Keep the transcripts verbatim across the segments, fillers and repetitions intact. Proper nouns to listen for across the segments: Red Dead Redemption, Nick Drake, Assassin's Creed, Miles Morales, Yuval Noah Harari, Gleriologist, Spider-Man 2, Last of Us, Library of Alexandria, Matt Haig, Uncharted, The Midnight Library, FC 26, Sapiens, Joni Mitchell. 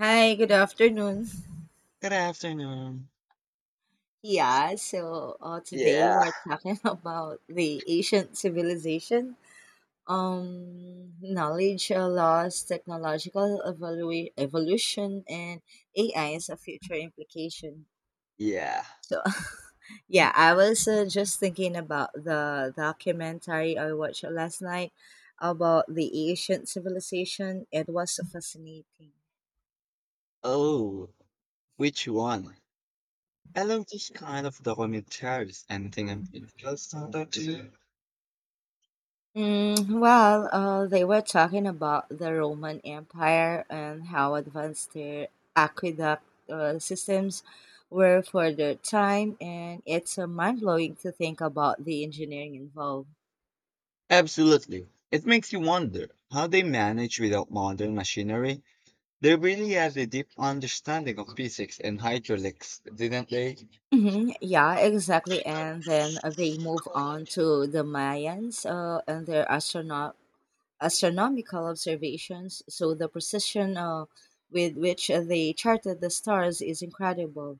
Hi, good afternoon. Good afternoon. Yeah, so uh, today Yeah, we're talking about the ancient civilization, um, knowledge uh, loss, technological evolua- evolution, and A I's future implication. yeah. So, yeah, I was uh, just thinking about the documentary I watched last night about the ancient civilization. It was so fascinating. Oh, which one? I love this kind of documentaries. Anything I'm influenced on that to you? Mm, well, uh, they were talking about the Roman Empire and how advanced their aqueduct uh, systems were for their time, and it's uh, mind blowing to think about the engineering involved. Absolutely. It makes you wonder how they manage without modern machinery. They really had a deep understanding of physics and hydraulics, didn't they? hmm Yeah, exactly. And then uh, they move on to the Mayans uh, and their astrono- astronomical observations. So the precision uh, with which uh, they charted the stars is incredible.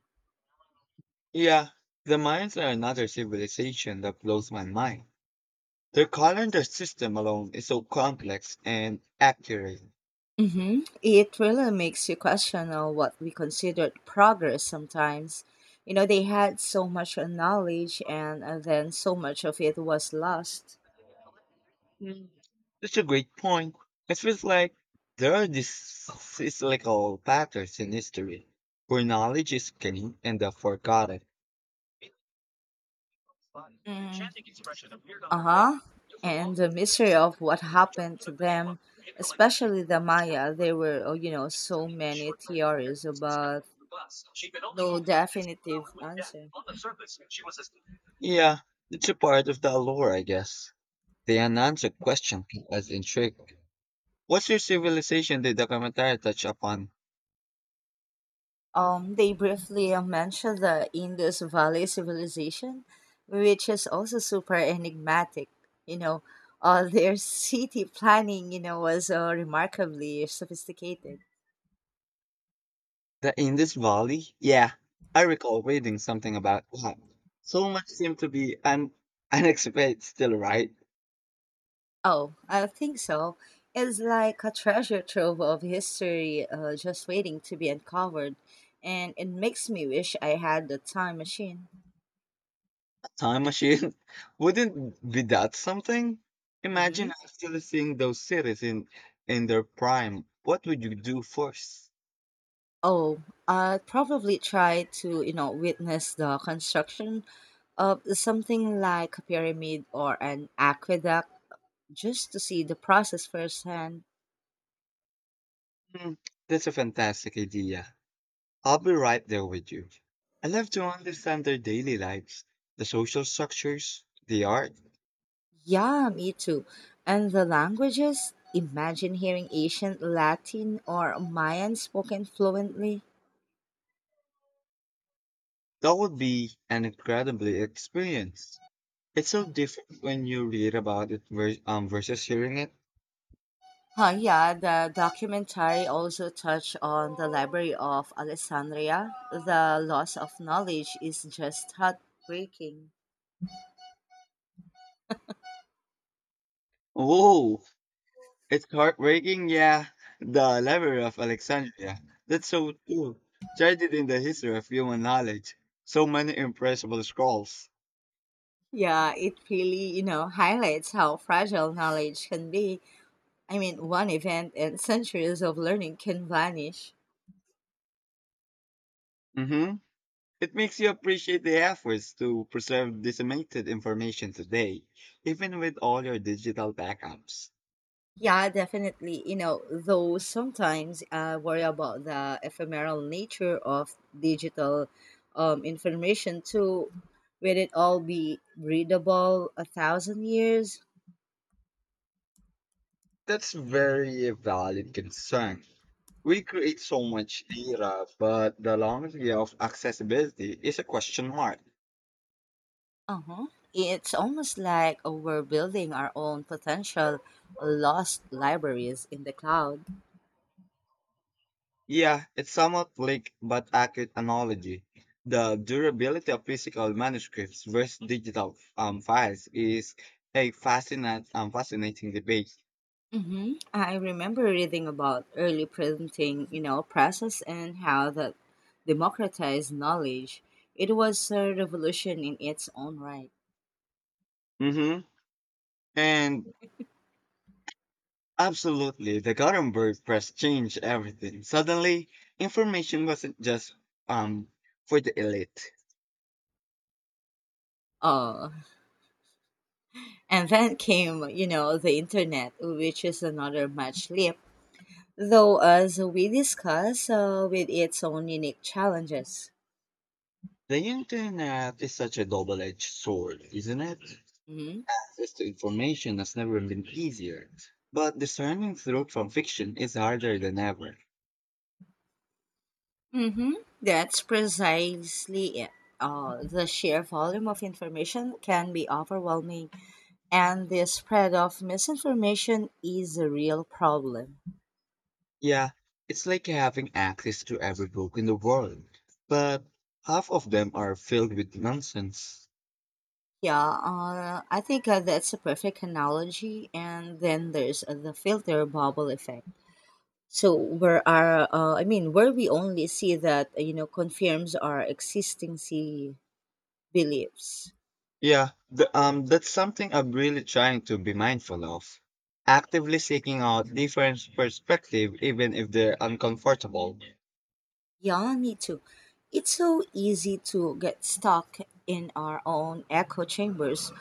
Yeah, the Mayans are another civilization that blows my mind. Their calendar system alone is so complex and accurate. hmm It really makes you question uh, what we considered progress sometimes. You know, they had so much uh, knowledge, and uh, then so much of it was lost. That's a great point. It feels like there are these cyclical patterns in history where knowledge is gained and then forgotten. Mm. Uh huh. And the mystery of what happened to them, especially the Maya, there were, oh, you know, so many theories about no definitive answer. Yeah, it's a part of the allure, I guess. The unanswered question was intriguing. What's your civilization the documentary touch upon? Um, they briefly uh, mention the Indus Valley civilization, which is also super enigmatic. You know, uh, their city planning, you know, was uh, remarkably sophisticated. The Indus Valley? Yeah, I recall reading something about that. So much seemed to be an unexplained still, right? Oh, I think so. It's like a treasure trove of history uh, just waiting to be uncovered, and it makes me wish I had the time machine. Time machine? Wouldn't be that something? hmm Imagine actually seeing those cities in in their prime. What would you do first? Oh, I'd probably try to, you know, witness the construction of something like a pyramid or an aqueduct just to see the process firsthand. Hmm, that's a fantastic idea. I'll be right there with you. I love to understand their daily lives, the social structures, the art. Yeah, me too. And the languages? Imagine hearing ancient Latin or Mayan spoken fluently. That would be an incredibly experience. It's so different when you read about it vers- um, versus hearing it. Huh, yeah, the documentary also touched on the Library of Alexandria. The loss of knowledge is just heartbreaking. Whoa! It's heartbreaking, yeah. The Library of Alexandria. That's so true. Treasured in the history of human knowledge. So many impressible scrolls. Yeah, it really, you know, highlights how fragile knowledge can be. I mean, one event and centuries of learning can vanish. Mm-hmm. It makes you appreciate the efforts to preserve disseminated information today, even with all your digital backups. Yeah, definitely. You know, though sometimes I worry about the ephemeral nature of digital um, information too. Will it all be readable a thousand years? That's very valid concern. We create so much data, but the longevity of accessibility is a question mark. Uh huh. It's almost like we're building our own potential lost libraries in the cloud. Yeah, it's somewhat bleak but accurate analogy. The durability of physical manuscripts versus digital um, files is a fascinating, um, fascinating debate. Mm-hmm. I remember reading about early printing, you know, process and how that democratized knowledge. It was a revolution in its own right. hmm And absolutely, the Gutenberg press changed everything. Suddenly, information wasn't just um, for the elite. Oh, and then came, you know, the internet, which is another much leap, though as we discuss, uh, with its own unique challenges. The internet is such a double-edged sword, isn't it? Mm-hmm. Access to information has never been easier, but discerning truth from fiction is harder than ever. Mm-hmm. That's precisely it. Uh, the sheer volume of information can be overwhelming. And the spread of misinformation is a real problem. Yeah, it's like having access to every book in the world, but half of them are filled with nonsense. Yeah, uh, I think uh, that's a perfect analogy. And then there's uh, the filter bubble effect. So where our, uh, I mean, where we only see that uh, you know confirms our existing see beliefs. Yeah, the, um, that's something I'm really trying to be mindful of. Actively seeking out different perspective, even if they're uncomfortable. Yeah, me too. It's so easy to get stuck in our own echo chambers.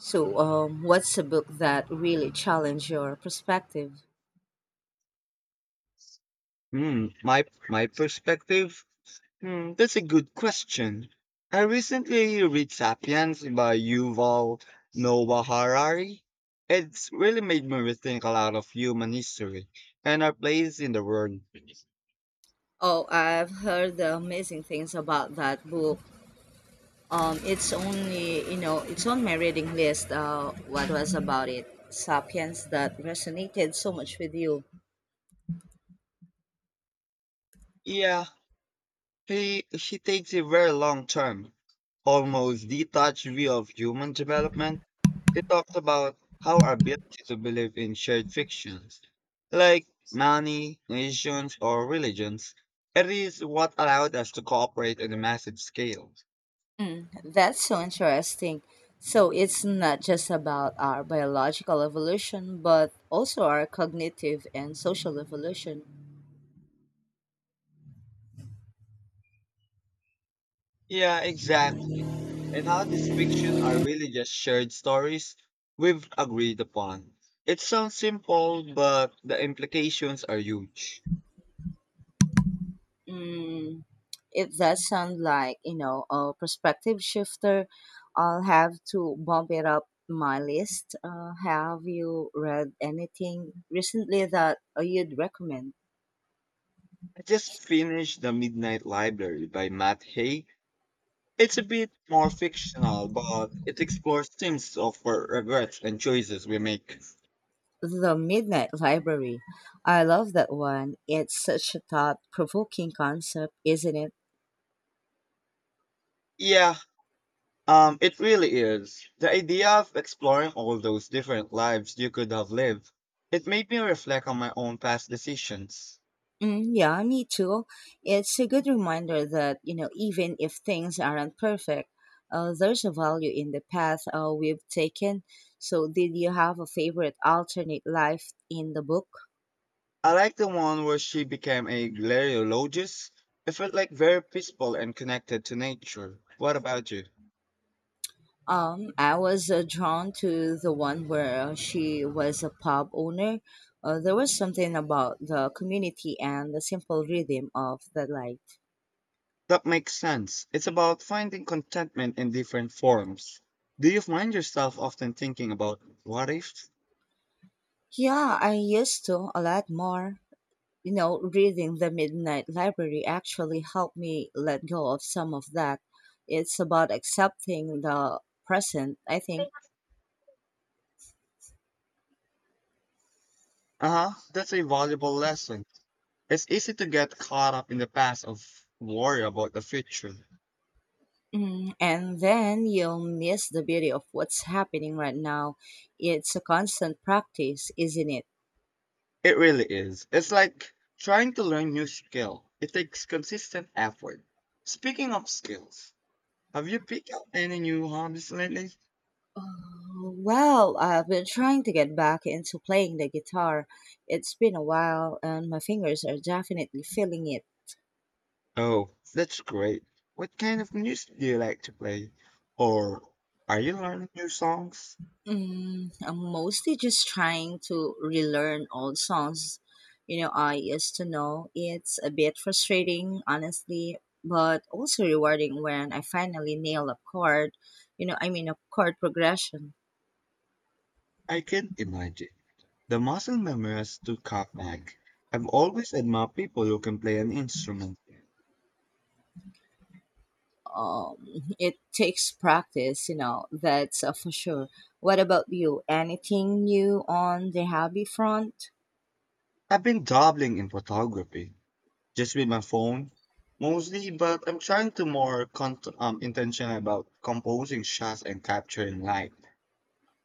So, um, what's a book that really challenged your perspective? Hmm, my my perspective Hmm, That's a good question. I recently read *Sapiens* by Yuval Noah Harari. It's really made me rethink a lot of human history and our place in the world. Oh, I've heard the amazing things about that book. Um, it's only you know, it's on my reading list. Uh, what was about it? Sapiens that resonated so much with you. Yeah, he he takes a very long term, almost detached view of human development. He talks about how our ability to believe in shared fictions, like money, nations, or religions, it is what allowed us to cooperate on a massive scale. Mm, that's so interesting. So it's not just about our biological evolution, but also our cognitive and social evolution. Yeah, exactly. And how these fiction are really just shared stories we've agreed upon. It sounds simple, but the implications are huge. Mm, if that sounds like you know a perspective shifter, I'll have to bump it up my list. Uh, have you read anything recently that uh, you'd recommend? I just finished The Midnight Library by Matt Haig. It's a bit more fictional, but it explores themes of our regrets and choices we make. The Midnight Library. I love that one. It's such a thought provoking concept, isn't it? Yeah, um, it really is. The idea of exploring all those different lives you could have lived, it made me reflect on my own past decisions. Mm, yeah, me too. It's a good reminder that, you know, even if things aren't perfect, uh, there's a value in the path uh, we've taken. So, did you have a favorite alternate life in the book? I like the one where she became a Gleriologist. It felt like very peaceful and connected to nature. What about you? Um, I was uh, drawn to the one where uh, she was a pub owner. Uh, there was something about the community and the simple rhythm of the life. That makes sense. It's about finding contentment in different forms. Do you find yourself often thinking about what if? Yeah, I used to a lot more. You know, reading The Midnight Library actually helped me let go of some of that. It's about accepting the present, I think. Uh huh, that's a valuable lesson. It's easy to get caught up in the past or worry about the future. Mm. And then you'll miss the beauty of what's happening right now. It's a constant practice, isn't it? It really is. It's like trying to learn new skill. It takes consistent effort. Speaking of skills, have you picked up any new hobbies lately? Uh, Well, I've been trying to get back into playing the guitar. It's been a while, and my fingers are definitely feeling it. Oh, that's great. What kind of music do you like to play? Or are you learning new songs? Mm, I'm mostly just trying to relearn old songs. You know, I used to know it's a bit frustrating, honestly, but also rewarding when I finally nail a chord. You know, I mean, a chord progression. I can imagine. The muscle memory has to cut back. I've always admired people who can play an instrument. Um, it takes practice, you know, that's uh, for sure. What about you? Anything new on the hobby front? I've been dabbling in photography, just with my phone, mostly, but I'm trying to more con- um, intentional about composing shots and capturing light.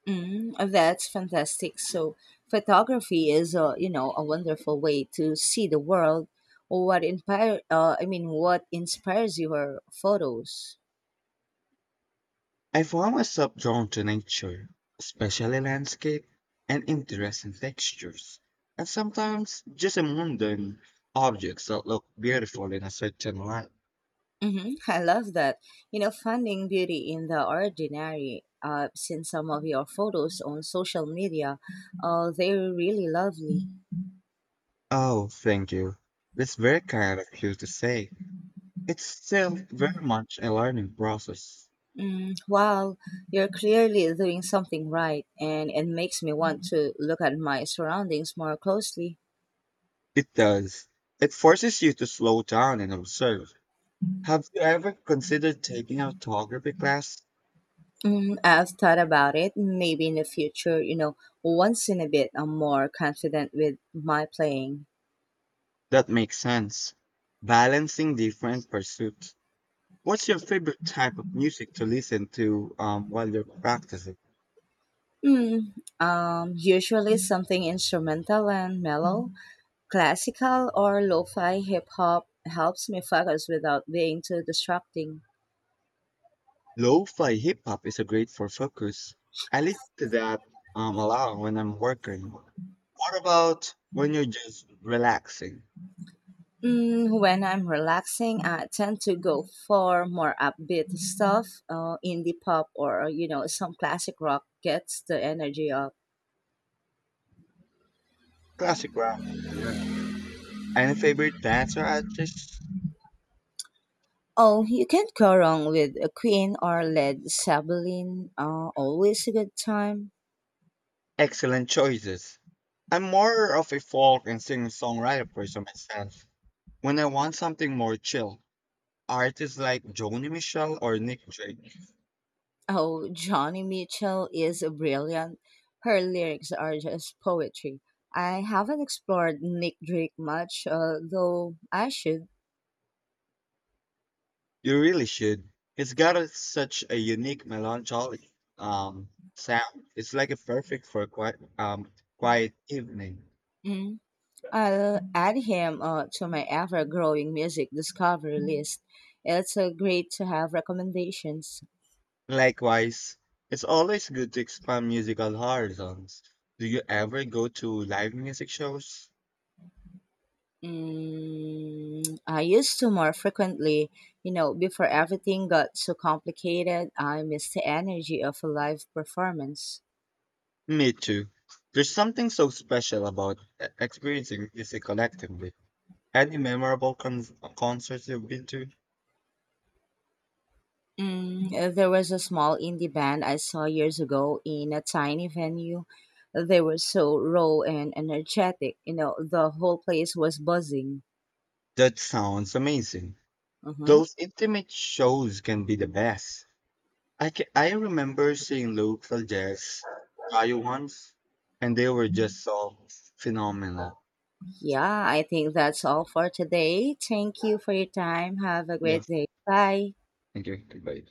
Mm, that's fantastic. So, photography is a you know a wonderful way to see the world. What inspire? Uh, I mean, what inspires your photos? I found myself drawn to nature, especially landscape and interesting textures, and sometimes just the mundane objects that look beautiful in a certain light. Mm-hmm. I love that. You know, finding beauty in the ordinary. I've seen some of your photos on social media. Uh, they're really lovely. Oh, thank you. That's very kind of you to say. It's still very much a learning process. Mm, well, you're clearly doing something right, and it makes me want to look at my surroundings more closely. It does. It forces you to slow down and observe. Have you ever considered taking a photography class? Mm, I've thought about it. Maybe in the future, you know, once in a bit, I'm more confident with my playing. That makes sense. Balancing different pursuits. What's your favorite type of music to listen to um, while you're practicing? Mm, um, Usually something instrumental and mellow, classical or lo-fi hip hop helps me focus without being too distracting. Lo-fi hip hop is a great for focus. I listen to that um, a lot when I'm working. What about when you're just relaxing? Mm, when I'm relaxing, I tend to go for more upbeat stuff. Uh, indie pop or you know some classic rock gets the energy up. Classic rock, yeah. Any favorite dancer artists? Oh, you can't go wrong with a Queen or Led Zeppelin. Uh, always a good time. Excellent choices. I'm more of a folk and singer-songwriter person myself. When I want something more chill, artists like Joni Mitchell or Nick Drake. Oh, Johnny Mitchell is brilliant. Her lyrics are just poetry. I haven't explored Nick Drake much, uh, though I should. You really should. It's got a, such a unique melancholy um sound. It's like a perfect for a quiet um quiet evening. Mm. I'll add him uh, to my ever growing music discovery list. It's uh, great to have recommendations. Likewise, it's always good to expand musical horizons. Do you ever go to live music shows? Mm, I used to more frequently, you know, before everything got so complicated, I missed the energy of a live performance. Me too. There's something so special about e- experiencing music collectively. Any memorable con- concerts you've been to? Mm, uh, there was a small indie band I saw years ago in a tiny venue. They were so raw and energetic, you know, the whole place was buzzing. That sounds amazing. Uh-huh. Those intimate shows can be the best. I ca- I remember seeing local jazz try once, and they were just so phenomenal. Yeah, I think that's all for today. Thank you for your time. Have a Yeah. great day. Bye. Thank you. Goodbye.